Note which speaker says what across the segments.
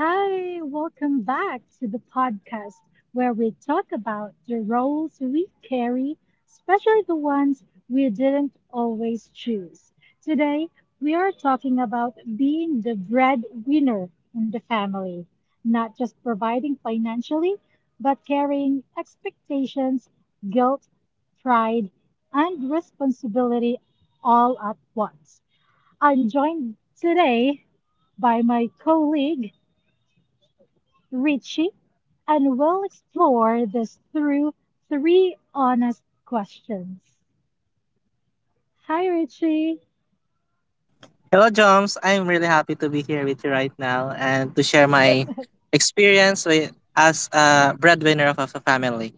Speaker 1: Hi, welcome back to the podcast where we talk about the roles we carry, especially the ones we didn't always choose. Today, we are talking about being the breadwinner in the family, not just providing financially, but carrying expectations, guilt, pride, and responsibility all at once. I'm joined today by my colleague. Richie, and we'll explore this through three honest questions. Hi, Richie.
Speaker 2: Hello, Joms. I'm really happy to be here with you right now and to share my experience with as a breadwinner of, a family.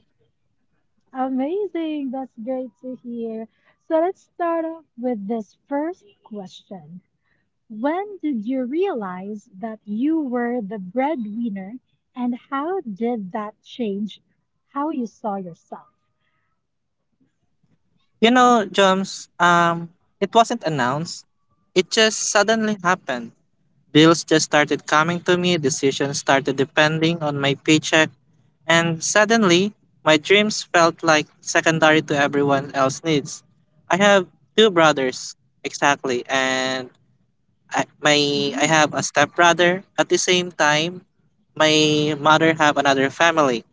Speaker 1: Amazing. That's great to hear. So let's start off with this first question. When did you realize that you were the breadwinner, and how did that change how you saw yourself?
Speaker 2: You know, Joms, it wasn't announced. It just suddenly happened. Bills just started coming to me, decisions started depending on my paycheck, and suddenly my dreams felt like secondary to everyone else's needs. I have two brothers, exactly, and I, my I
Speaker 1: Mhm.
Speaker 2: have a stepbrother. At the same time, my mother have another family,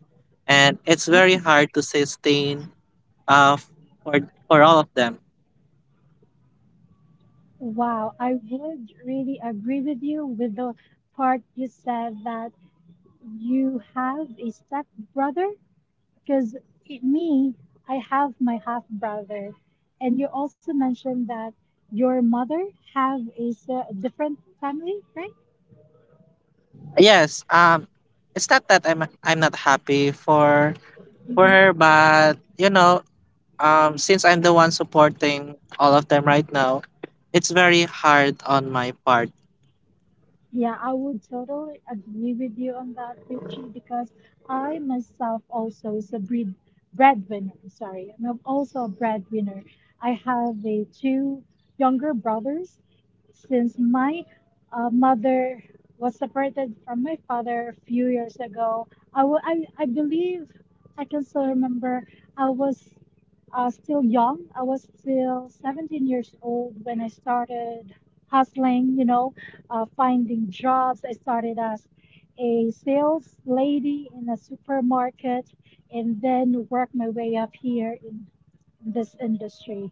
Speaker 2: and it's very
Speaker 1: Oh,
Speaker 2: hard to sustain uh for for all of them.
Speaker 1: wow. I would really agree with you with the part you said that you have a step brother? Because me, I have my half brother, and you also mentioned that your mother have a different family, right?
Speaker 2: Yes, it's not that I'm not happy for her, but you know, since I'm the one supporting all of them right now, it's very hard on my part.
Speaker 1: Yeah, I would totally agree with you on that, Richie, because I myself also is a breadwinner. Sorry, I'm also a breadwinner. I have a two younger brothers. Since my mother was separated from my father a few years ago, I believe I can still remember I was still young. I was still 17 years old when I started hustling, you know finding jobs. I started as a sales lady in a supermarket and then worked my way up here in this industry.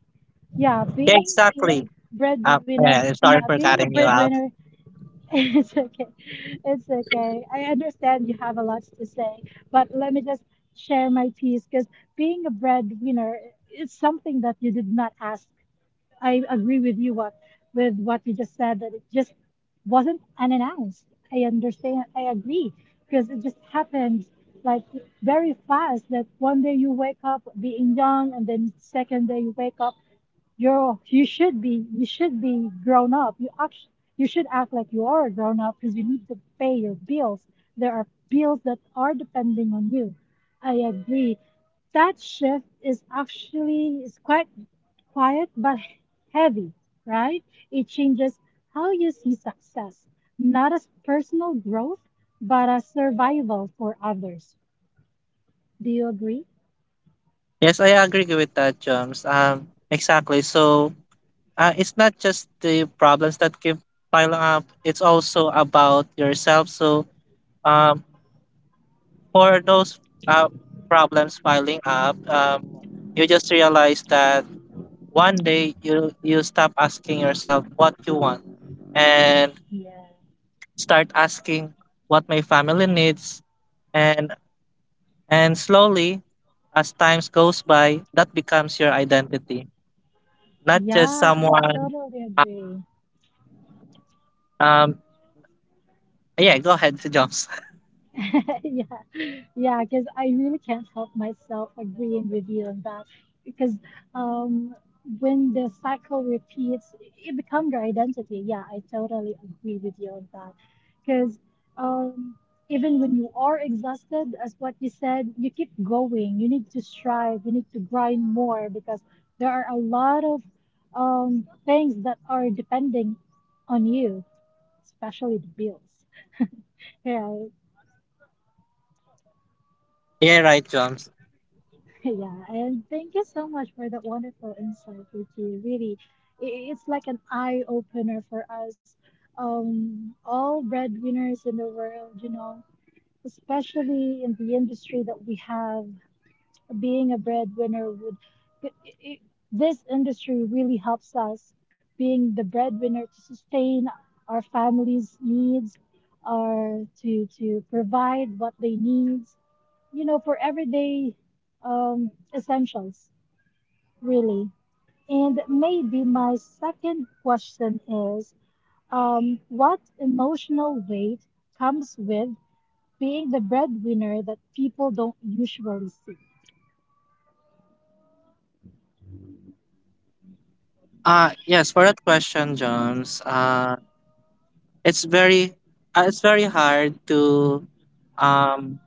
Speaker 1: Yeah,
Speaker 2: Yeah,
Speaker 1: being a
Speaker 2: exactly.
Speaker 1: breadwinner,
Speaker 2: Yeah,
Speaker 1: yeah,
Speaker 2: sorry for
Speaker 1: being a
Speaker 2: cutting you
Speaker 1: breadwinner,
Speaker 2: out.
Speaker 1: it's okay. It's okay. I understand you have a lot to say, but let me just share my piece because being a breadwinner is something that you did not ask. I agree with you what with what you just said, that it just wasn't unannounced. I understand. I agree, because it just happened like very fast. That one day you wake up being young, and then second day you wake up you should be grown up. You act, you should act like you are grown up because you need to pay your bills. There are bills that are depending on you. I agree that shift is actually is quite quiet but heavy, right? It changes how you see success, not as personal growth, but as survival for others. Do you agree?
Speaker 2: Yes, I agree with that, Jones. Exactly. So, it's not just the problems that keep piling up. It's also about yourself. So um, for those uh, problems piling up, you just realize that one day you stop asking yourself what you want and
Speaker 1: Yeah.
Speaker 2: start asking what my family needs and slowly as times goes by that becomes your identity, not just
Speaker 1: Yeah, I
Speaker 2: someone.
Speaker 1: totally
Speaker 2: uh,
Speaker 1: agree.
Speaker 2: um yeah, go ahead to jump.
Speaker 1: Yeah, yeah, because I really can't help myself agreeing with you on that. Because um, when the cycle repeats, it becomes your identity. Yeah, I totally agree with you on that. Because um, even when you are exhausted, as what you said, you keep going. You need to strive. You need to grind more because there are a lot of things that are depending on you, especially the bills. Yeah.
Speaker 2: Yeah, right, Joms.
Speaker 1: Yeah, and thank you so much for that wonderful insight, Ricky. Really, it's like an eye opener for us, all breadwinners in the world, you know, especially in the industry that we have. Being a breadwinner would, I I this industry really helps us being the breadwinner to sustain our families' needs, or to provide what they need, you know, for everyday essentials, really. And maybe my second question is what emotional weight comes with being the breadwinner that people don't usually see?
Speaker 2: Yes, for that question, Joms. It's very it's very hard um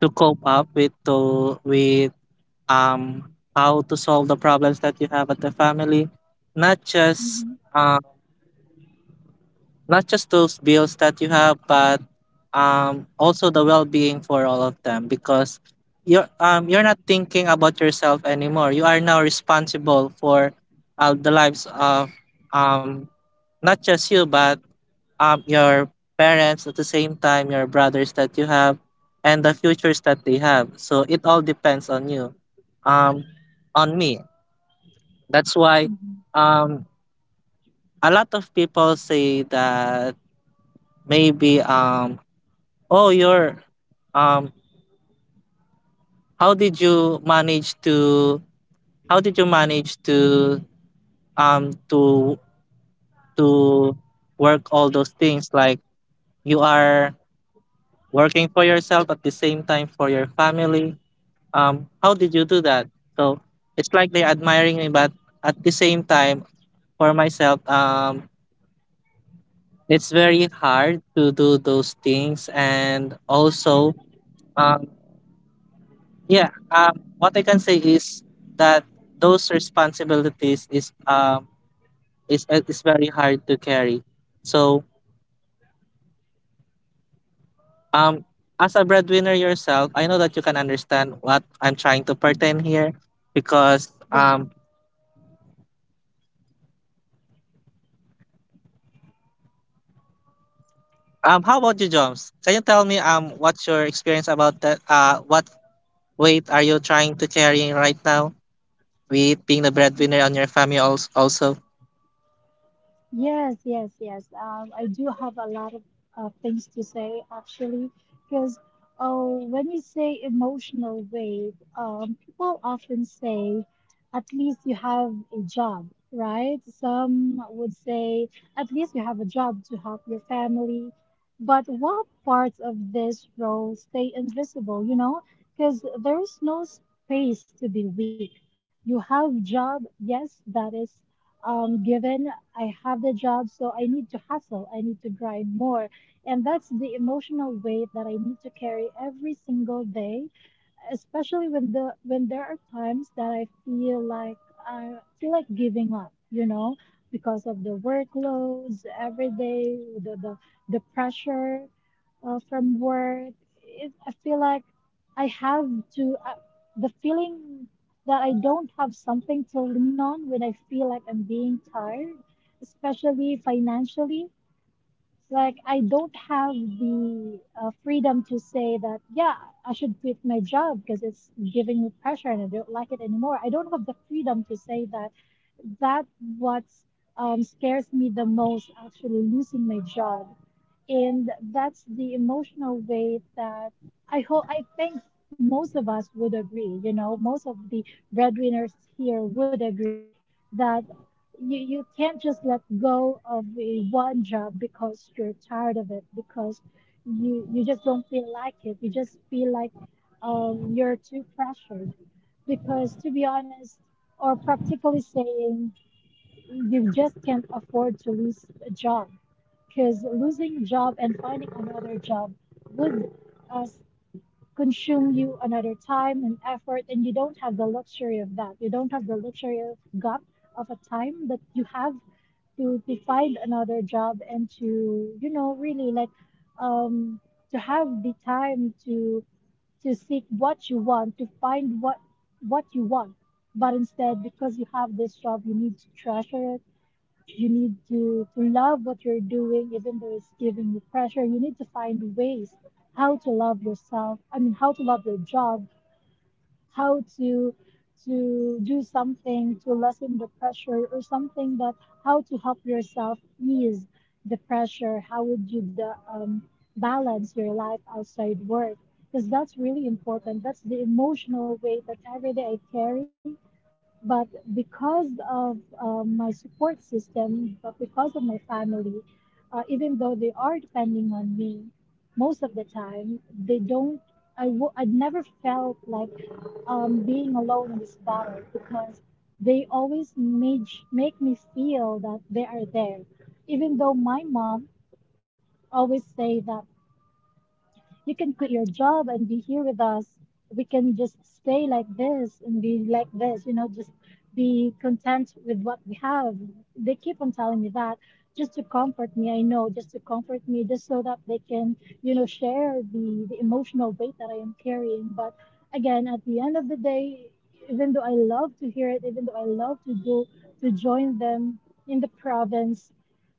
Speaker 2: to cope up with to with um how to solve the problems that you have at the family, not just
Speaker 1: Mhm,
Speaker 2: uh, not just those bills that you have, but also the well-being for all of them because you're not thinking about yourself anymore. You are now responsible for the lives of um, not just you, but your parents at the same time, your brothers that you have, and the futures that they have. So it all depends on you, um, on me. That's why
Speaker 1: mhm,
Speaker 2: um, a lot of people say that maybe oh, you're um how did you manage to how did you manage to um to to work all those things, like you are working for yourself at the same time for your family. How did you do that? So it's like they're admiring me, but at the same time for myself it's very hard to do those things, and also um Yeah, what I can say is that those responsibilities is is very hard to carry. So um, as a breadwinner yourself, I know that you can understand what I'm trying to pretend
Speaker 1: mhm.
Speaker 2: here, because
Speaker 1: Yes.
Speaker 2: how about you, Joms? Can you tell me what's your experience about that? What weight are you trying to carry right now with being the breadwinner on your family also?
Speaker 1: Yes, yes, yes. I do have a lot of things to say actually, because oh, when you say emotional wave, people often say, at least you have a job, right? Some would say, at least you have a job to help your family. But what parts of this role stay invisible, you know? Because there's no space to be weak. You have job, yes, that is given. I have the job, so I need to hustle, I need to grind more. And that's the emotional weight that I need to carry every single day, especially when there are times that I feel like giving up, you know, because of the workloads every day, the pressure from work. It, I feel like I have to, the feeling that I don't have something to lean on when I feel like I'm being tired, especially financially. Like, I don't have the freedom to say that, yeah, I should quit my job because it's giving me pressure and I don't like it anymore. I don't have the freedom to say that. That what scares me the most, actually losing my job, and that's the emotional weight that I hope, I think most of us would agree. You know, most of the breadwinners here would agree that you can't just let go of a one job because you're tired of it because you just don't feel like it. You just feel like you're too pressured, because to be honest, or practically saying, you just can't afford to lose a job, because losing a job and finding another job would uh, consume you another time and effort, and you don't have the luxury of that, you don't have the luxury of got of a time that you have to find another job and to, you know, really like um to have the time to seek what you want, to find what you want, but instead because you have this job you need to treasure it, you need to love what you're doing, even though it's giving you pressure. You need to find ways how to love yourself. I mean, how to love your job, how to do something to lessen the pressure, or something that how to help yourself ease the pressure. How would you the, balance your life outside work? Because that's really important. That's the emotional weight that every day I carry, but because of my support system, but because of my family, even though they are depending on me most of the time, they don't. I'd never felt like being alone in this battle because they always make me feel that they are there, even though my mom always say that you can quit your job and be here with us. We can just stay like this and be like this, you know, just be content with what we have. They keep on telling me that just to comfort me, I know, just to comfort me, just so that they can, you know, share the emotional weight that I am carrying. But again, at the end of the day, even though I love to hear it, even though I love to do to join them in the province,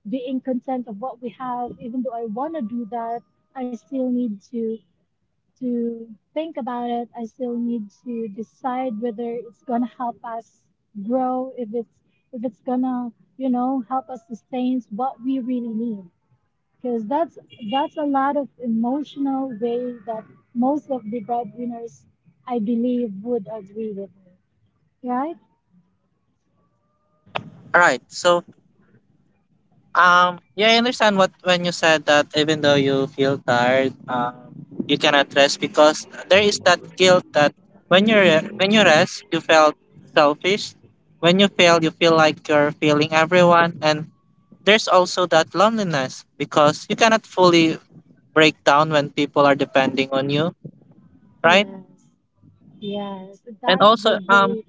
Speaker 1: being content of what we have, even though I want to do that, I still need to think about it. I still need to decide whether it's gonna help us grow, if it's gonna, you know, help us sustain what we really need. Because that's a lot of emotional way that most of the breadwinners I believe would agree with me. Right?
Speaker 2: All right, so yeah, I understand what when you said that even though you feel tired, you cannot rest because there is that guilt that when you rest, you felt selfish. When you fail, you feel like you're failing everyone, and there's also that loneliness because you cannot fully break down when people are depending on you, right?
Speaker 1: Yes. Yes.
Speaker 2: And
Speaker 1: That's the
Speaker 2: also,
Speaker 1: way.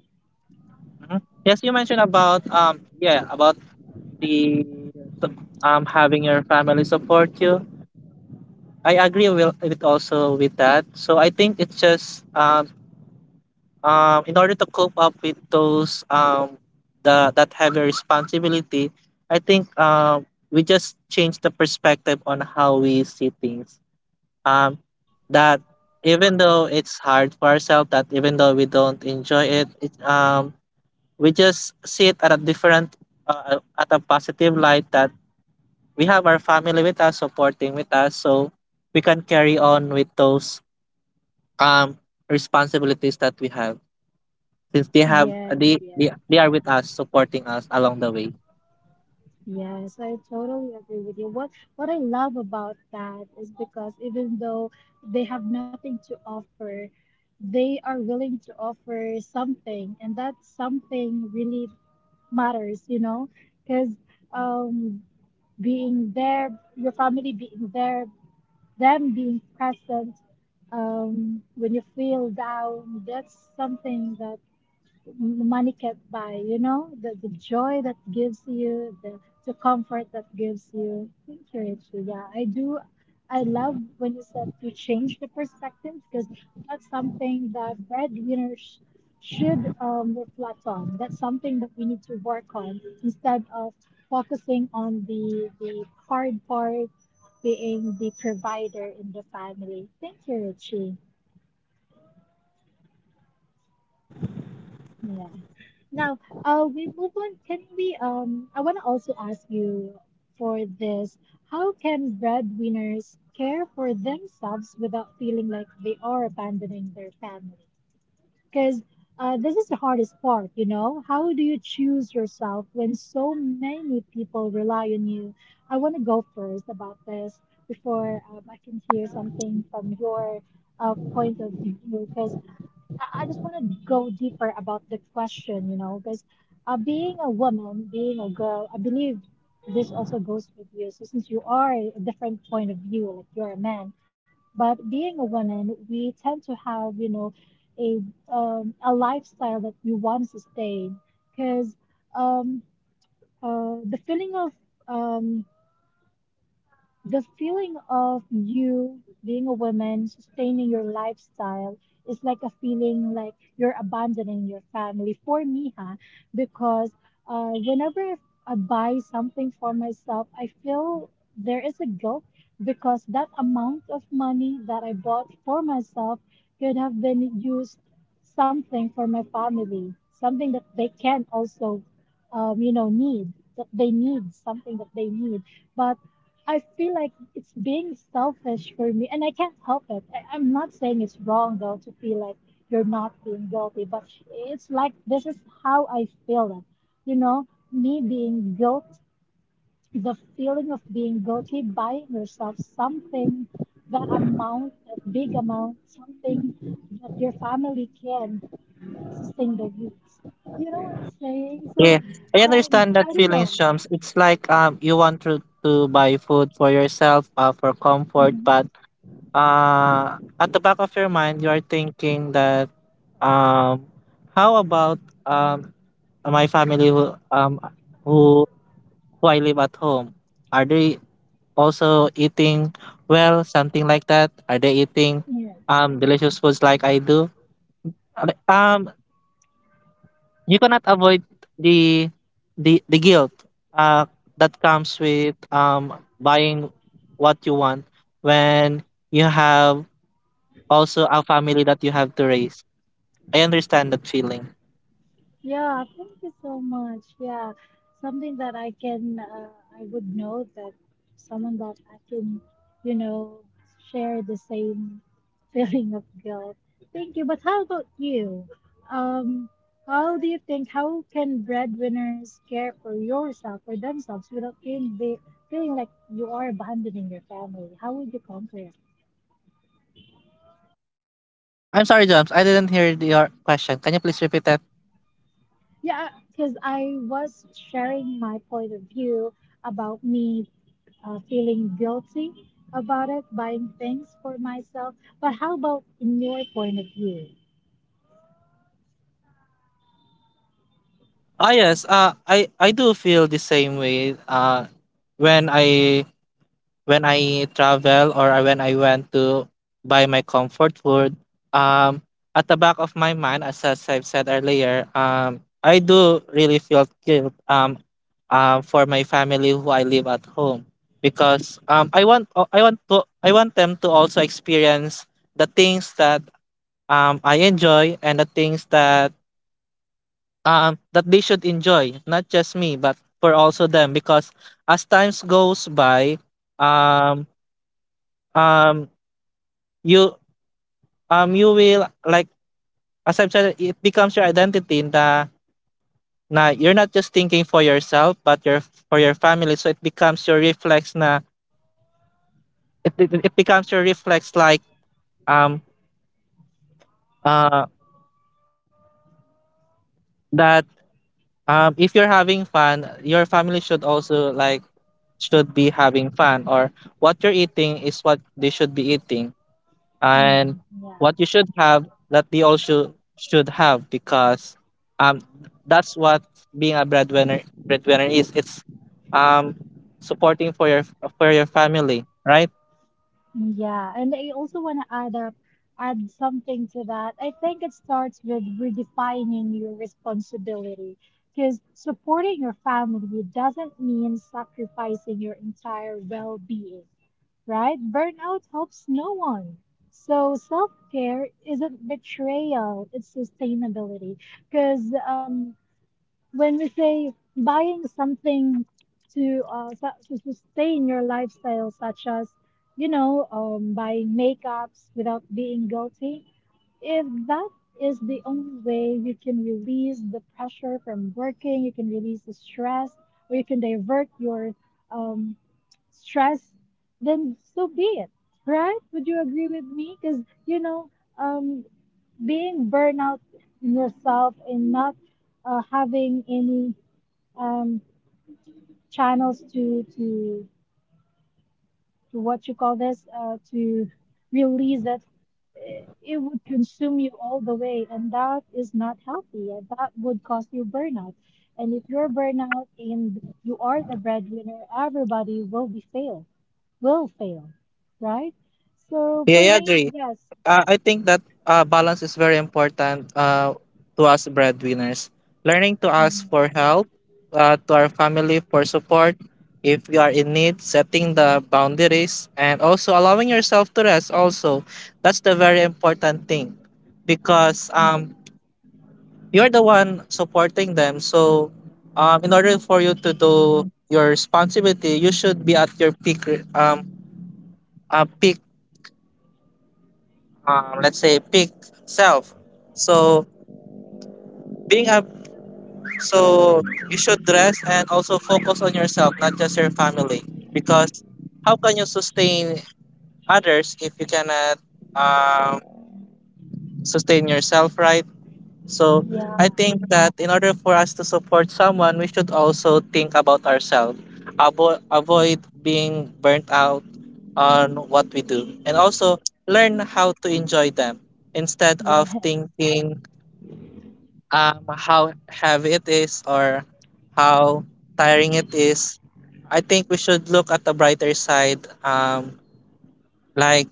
Speaker 2: mhm. yes, you mentioned about yeah, about the having your family support you. I agree will with also with that. So I think it's just in order to cope up with those the that heavy responsibility, I think we just change the perspective on how we see things. Um that even though it's hard for ourselves, that even though we don't enjoy it, we just see it at a different at a positive light, that we have our family with us supporting with us, so we can carry on with those um, responsibilities that we have, since they have
Speaker 1: Yes, yes.
Speaker 2: they are with us supporting us along the way.
Speaker 1: Yes, I totally agree with you. What I love about that is because even though they have nothing to offer, they are willing to offer something, and that something really matters, you know, because um, being there, your family being there, them being present, when you feel down, that's something that money can't buy, you know, the joy that gives you, the comfort that gives you. Thank you, Richie. Yeah, I do. I love when you said to change the perspective, because that's something that breadwinners should reflect on. That's something that we need to work on instead of focusing on the hard part being the provider in the family. Thank you, Richie. Yeah. Now, we move on. Can we, I want to also ask you for this. How can breadwinners care for themselves without feeling like they are abandoning their family? Because this is the hardest part, you know? How do you choose yourself when so many people rely on you? I want to go first about this before I can hear something from your point of view, because I just want to go deeper about the question, you know, because being a woman, being a girl, I believe this also goes with you. So since you are a different point of view, like you're a man, but being a woman, we tend to have, you know, a a lifestyle that we want to sustain because um, uh, the feeling of um, the feeling of you being a woman, sustaining your lifestyle, is like a feeling like you're abandoning your family. For me, huh? Because whenever I buy something for myself, I feel there is a guilt because that amount of money that I bought for myself could have been used something for my family, something that they can also, need, that they need, something that they need. But I feel like it's being selfish for me, and I can't help it. I'm not saying it's wrong though to feel like you're not being guilty, but it's like this is how I feel it. You know, me being guilt, the feeling of being guilty, buying yourself something, that amount, that big amount, something that your family can sustain their needs. You know what I'm saying? So,
Speaker 2: Yeah, I understand that
Speaker 1: I don't
Speaker 2: feeling,
Speaker 1: know.
Speaker 2: Shams. It's like you want to buy food for yourself, for comfort, but at the back of your mind you are thinking that um how about um my family who who who I live at home, are they also eating well, something like that? Are they eating
Speaker 1: Mhm.
Speaker 2: delicious foods like I do? Uh, Um, you cannot avoid the the guilt uh that comes with buying what you want when you have also a family that you have to raise. I understand that feeling.
Speaker 1: Yeah, thank you so much. Yeah, something that I can, I would know that someone that I can, you know, share the same feeling of guilt. Thank you. But how about you? Um, how do you think, how can breadwinners care for yourself or themselves without feeling, feeling like you are abandoning your family? How would you conquer it?
Speaker 2: I'm sorry, Jumps. I didn't hear your question. Can you please repeat that?
Speaker 1: Yeah, because I was sharing my point of view about me feeling guilty about it, buying things for myself. But how about in your point of view?
Speaker 2: Ah yes, I do feel the same way. When I when I went to buy my comfort food, um, at the back of my mind, as I've said earlier, I do really feel guilt, for my family who I live at home, because I want them to also experience the things that I enjoy, and the things that that they should enjoy, not just me, but for also them, because as times goes by, um, um You you will, like, as I've said, it becomes your identity in the na, you're not just thinking for yourself but your for your family. So it becomes your reflex na, it becomes your reflex, like um uh that if you're having fun, your family should also, like, should be having fun, or what you're eating is what they should be eating, and
Speaker 1: Mm, yeah,
Speaker 2: what you should have that they also should have, because um that's what being a breadwinner is, it's um supporting for your family, right?
Speaker 1: yeah. And I also want to add something to that. I think it starts with redefining your responsibility. Because supporting your family doesn't mean sacrificing your entire well being, right? Burnout helps no one. So self care isn't betrayal, it's sustainability, because when we say buying something to to sustain your lifestyle, such as buying makeups without being guilty, if that is the only way you can release the pressure from working, you can release the stress, or you can divert your um, stress, then so be it, right? Would you agree with me? Because um, being burnout in yourself and not having any um, channels to what you call this, to release that, it would consume you all the way, and that is not healthy, and that would cause you burnout. And if you're burnout and you are the breadwinner, everybody will be fail, will fail, right? So
Speaker 2: Yeah,
Speaker 1: for
Speaker 2: yeah, I
Speaker 1: me,
Speaker 2: agree.
Speaker 1: yes.
Speaker 2: I think that balance is very important to us breadwinners. Learning to ask for
Speaker 1: Mm,
Speaker 2: help, to our family for support if we are in need, setting the boundaries, and also allowing yourself to rest. Also, that's the very important thing because
Speaker 1: mm,
Speaker 2: you're the one supporting them. So, in order for you to do your responsibility, you should be at your peak, re- peak let's say peak self. So being a so you should rest and also focus on yourself, not just your family, because how can you sustain others if you cannot um, sustain yourself, right? So
Speaker 1: yeah,
Speaker 2: I think that in order for us to support someone, we should also think about ourselves, avoid being burnt out on what we do, and also
Speaker 1: yeah,
Speaker 2: learn how to enjoy them instead of
Speaker 1: yes.
Speaker 2: thinking how heavy it is, or how tiring it is. I think we should look at the brighter side, like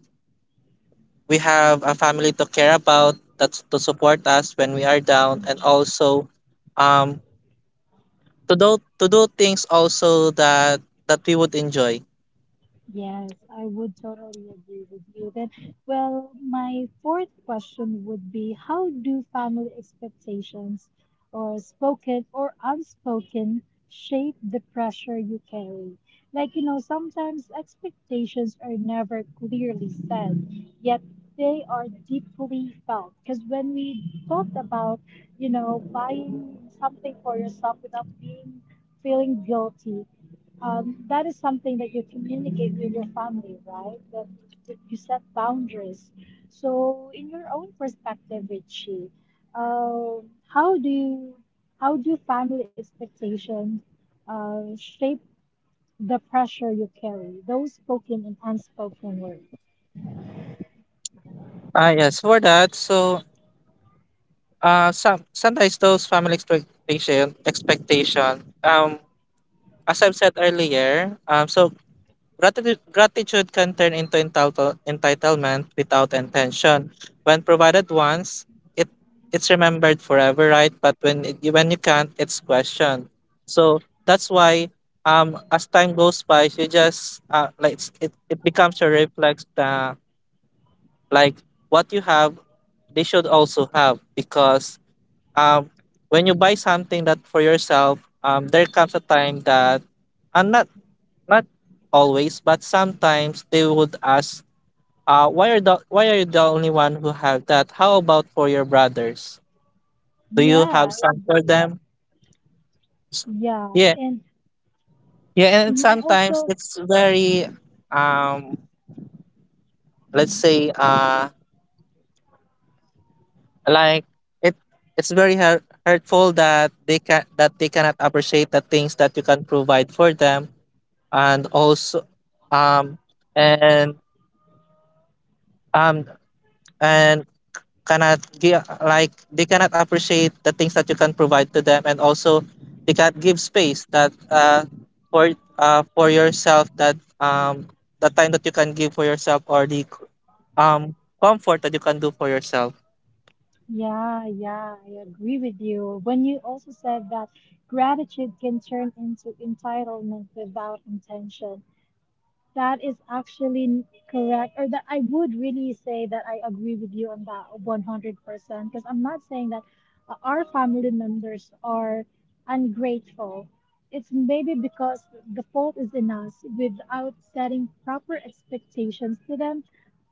Speaker 2: we have a family to care about, that to support us when we are down, and
Speaker 1: Mm.
Speaker 2: also um to do things also that that we would enjoy.
Speaker 1: Yes, I would totally agree with you. Then, well, my fourth question would be, how do family expectations, or spoken or unspoken, shape the pressure you carry? Like, you know, sometimes expectations are never clearly said, yet they are deeply felt. Because when we talked about, buying something for yourself without being feeling guilty, that is something that you communicate with your family, right? That you set boundaries. So, in your own perspective, Richie, how do you, how do family expectations shape the pressure you carry, those spoken and unspoken words?
Speaker 2: Ah yes, for that, so sometimes those family expectation, as I've said earlier, gratitude can turn into entitlement without intention. When provided once, it it's remembered forever, right? But when you can't, it's questioned. So that's why as time goes by, you just like, it it becomes a reflex that, like, what you have, they should also have because um when you buy something that for yourself, there comes a time that, and not not always, but sometimes they would ask, why are you the only one who have that? How about for your brothers? Do you have
Speaker 1: Yeah, I
Speaker 2: some for
Speaker 1: agree.
Speaker 2: them?
Speaker 1: Yeah,
Speaker 2: Yeah.
Speaker 1: and
Speaker 2: Yeah, and
Speaker 1: I
Speaker 2: sometimes
Speaker 1: also.
Speaker 2: it's very um let's
Speaker 1: Mm-hmm.
Speaker 2: say like, it it's very hurtful that they cannot appreciate the things that you can provide for them, and also um and um and cannot give, like, they cannot appreciate the things that you can provide to them, and also they can't give space that for for yourself, that the time that you can give for yourself, or the comfort that you can do for yourself.
Speaker 1: Yeah, yeah, I agree with you. When you also said that gratitude can turn into entitlement without intention, that is actually correct. Or that I would really say that I agree with you on that 100%, because I'm not saying that our family members are ungrateful. It's maybe because the fault is in us without setting proper expectations to them,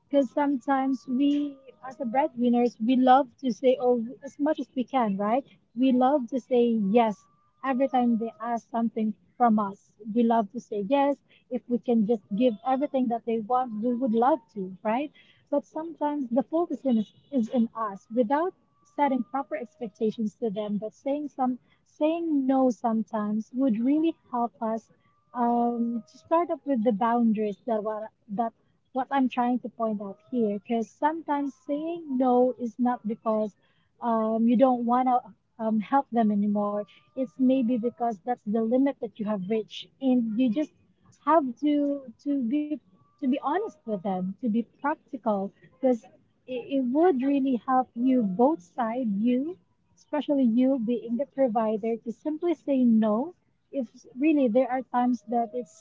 Speaker 1: because sometimes we, as the breadwinners, we love to say oh as much as we can, right? We love to say yes every time they ask something from us. We love to say yes, if we can just give everything that they want, we would love to, right? But sometimes the focus in is in us without setting proper expectations to them, but saying no sometimes would really help us, to start up with the boundaries that were that what I'm trying to point out here, because sometimes saying no is not because you don't want to help them anymore. It's maybe because that's the limit that you have reached, and you just have to be honest with them, to be practical, because it would really help you both side you, especially you being the provider, to simply say no. If really there are times that it's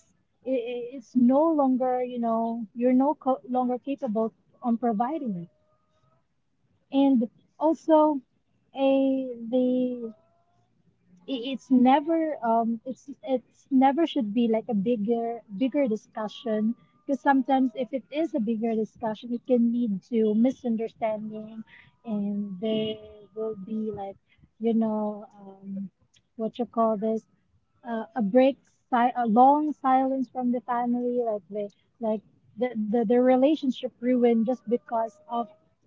Speaker 1: i- i- it's no longer, you're no co- longer capable on providing it. And also, a the I- it's never it's it's never should be like a bigger discussion, because sometimes if it is a bigger discussion it can lead to misunderstanding, and there will be like, you know um what you call this, a break, a long silence from the family, like like the relationship ruined just because of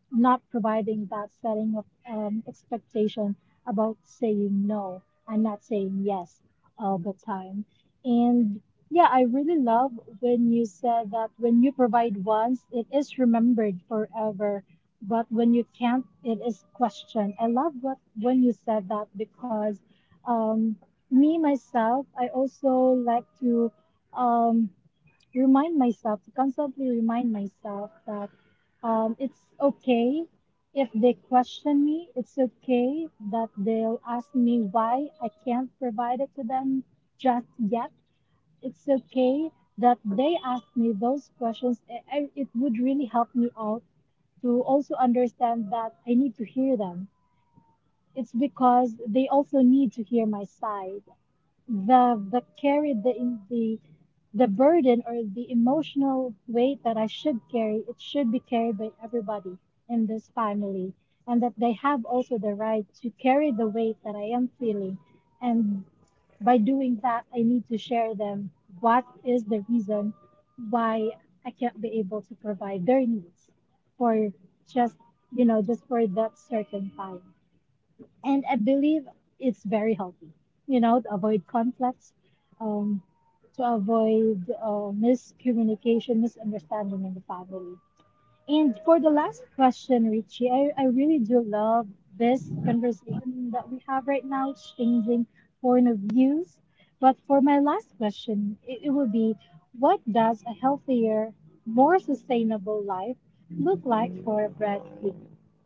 Speaker 1: not providing that setting of expectation about saying no and not saying yes all the time. And yeah, I really love when you said that when you provide once, it is remembered forever. But when you can't, it is questioned. I love what when you said that, because um, me, myself, I also like to um, remind myself, to constantly remind myself that it's okay if they question me. It's okay that they'll ask me why I can't provide it to them just yet. It's okay that they ask me those questions. It would really help me out to also understand that I need to hear them. It's because they also need to hear my side, the carry the in- the the burden or the emotional weight that I should carry, it should be carried by everybody in this family, and that they have also the right to carry the weight that I am feeling. And by doing that, I need to share them what is the reason why I can't be able to provide their needs for just you know just for that certain time, and I believe it's very healthy, to avoid conflicts, um, to avoid miscommunication, misunderstanding in the family. And for the last question, Richie, I really do love this conversation that we have right now, exchanging point of views. But for my last question, it will be, what does a healthier, more sustainable life look like for a Brad Pitt?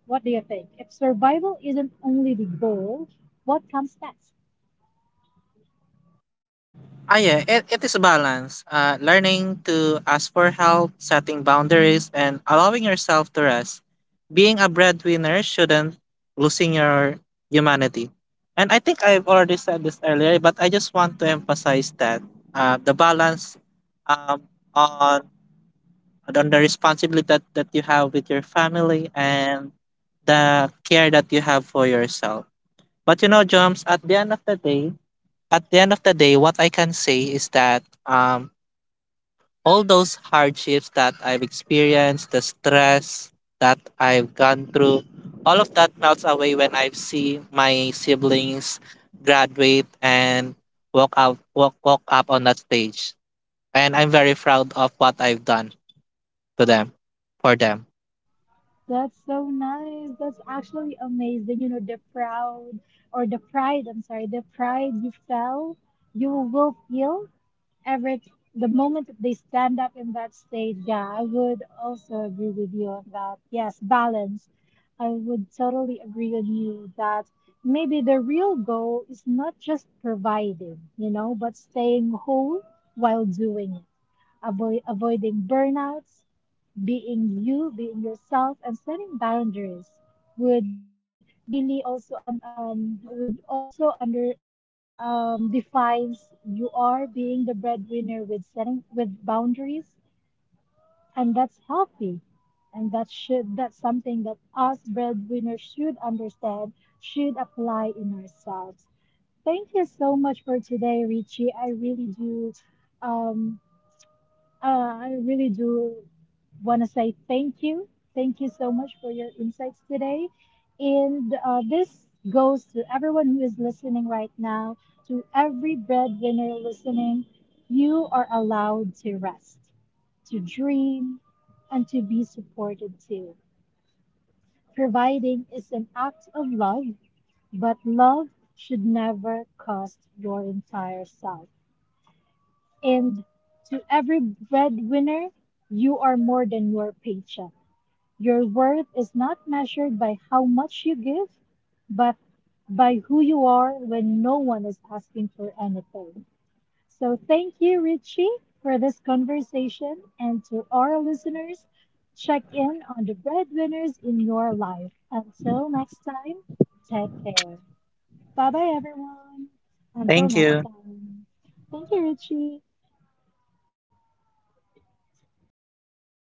Speaker 1: What do you think? If survival isn't only the goal, what comes next?
Speaker 2: Ah, yeah, it is a balance. Learning to ask for help, setting boundaries, and allowing yourself to rest. Being a breadwinner shouldn't losing your humanity. And I think I've already said this earlier, but I just want to emphasize that the balance um, on on the responsibility that, that you have with your family, and the care that you have for yourself. But you know, Joms, at the end of the day, what I can say is that all those hardships that I've experienced, the stress that I've gone through, all of that melts away when I see my siblings graduate and walk up on that stage. And I'm very proud of what I've done to them, for them.
Speaker 1: That's so nice. That's actually amazing. You know, the proud or the pride, I'm sorry, the pride you felt, you will feel every the moment that they stand up in that stage. Yeah, I would also agree with you on that. Yes, balance. I would totally agree on you that maybe the real goal is not just providing, but staying whole while doing it, avoiding burnouts, being you, being yourself, and setting boundaries would really also un- would also under defines you are being the breadwinner with setting with boundaries, and that's healthy, and that should that's something that us breadwinners should understand, should apply in ourselves. Thank you so much for today, Richie. I really do. Um, I really do want to say thank you. Thank you so much for your insights today. And this goes to everyone who is listening right now, to every breadwinner listening. You are allowed to rest, to dream, and to be supported too. Providing is an act of love, but love should never cost your entire self. And to every breadwinner, you are more than your paycheck. Your worth is not measured by how much you give, but by who you are when no one is asking for anything. So thank you, Richie, for this conversation. And to our listeners, check in on the breadwinners in your life. Until next time, take care. Bye bye, everyone. Until
Speaker 2: Thank
Speaker 1: next
Speaker 2: you.
Speaker 1: time. Thank you, Richie.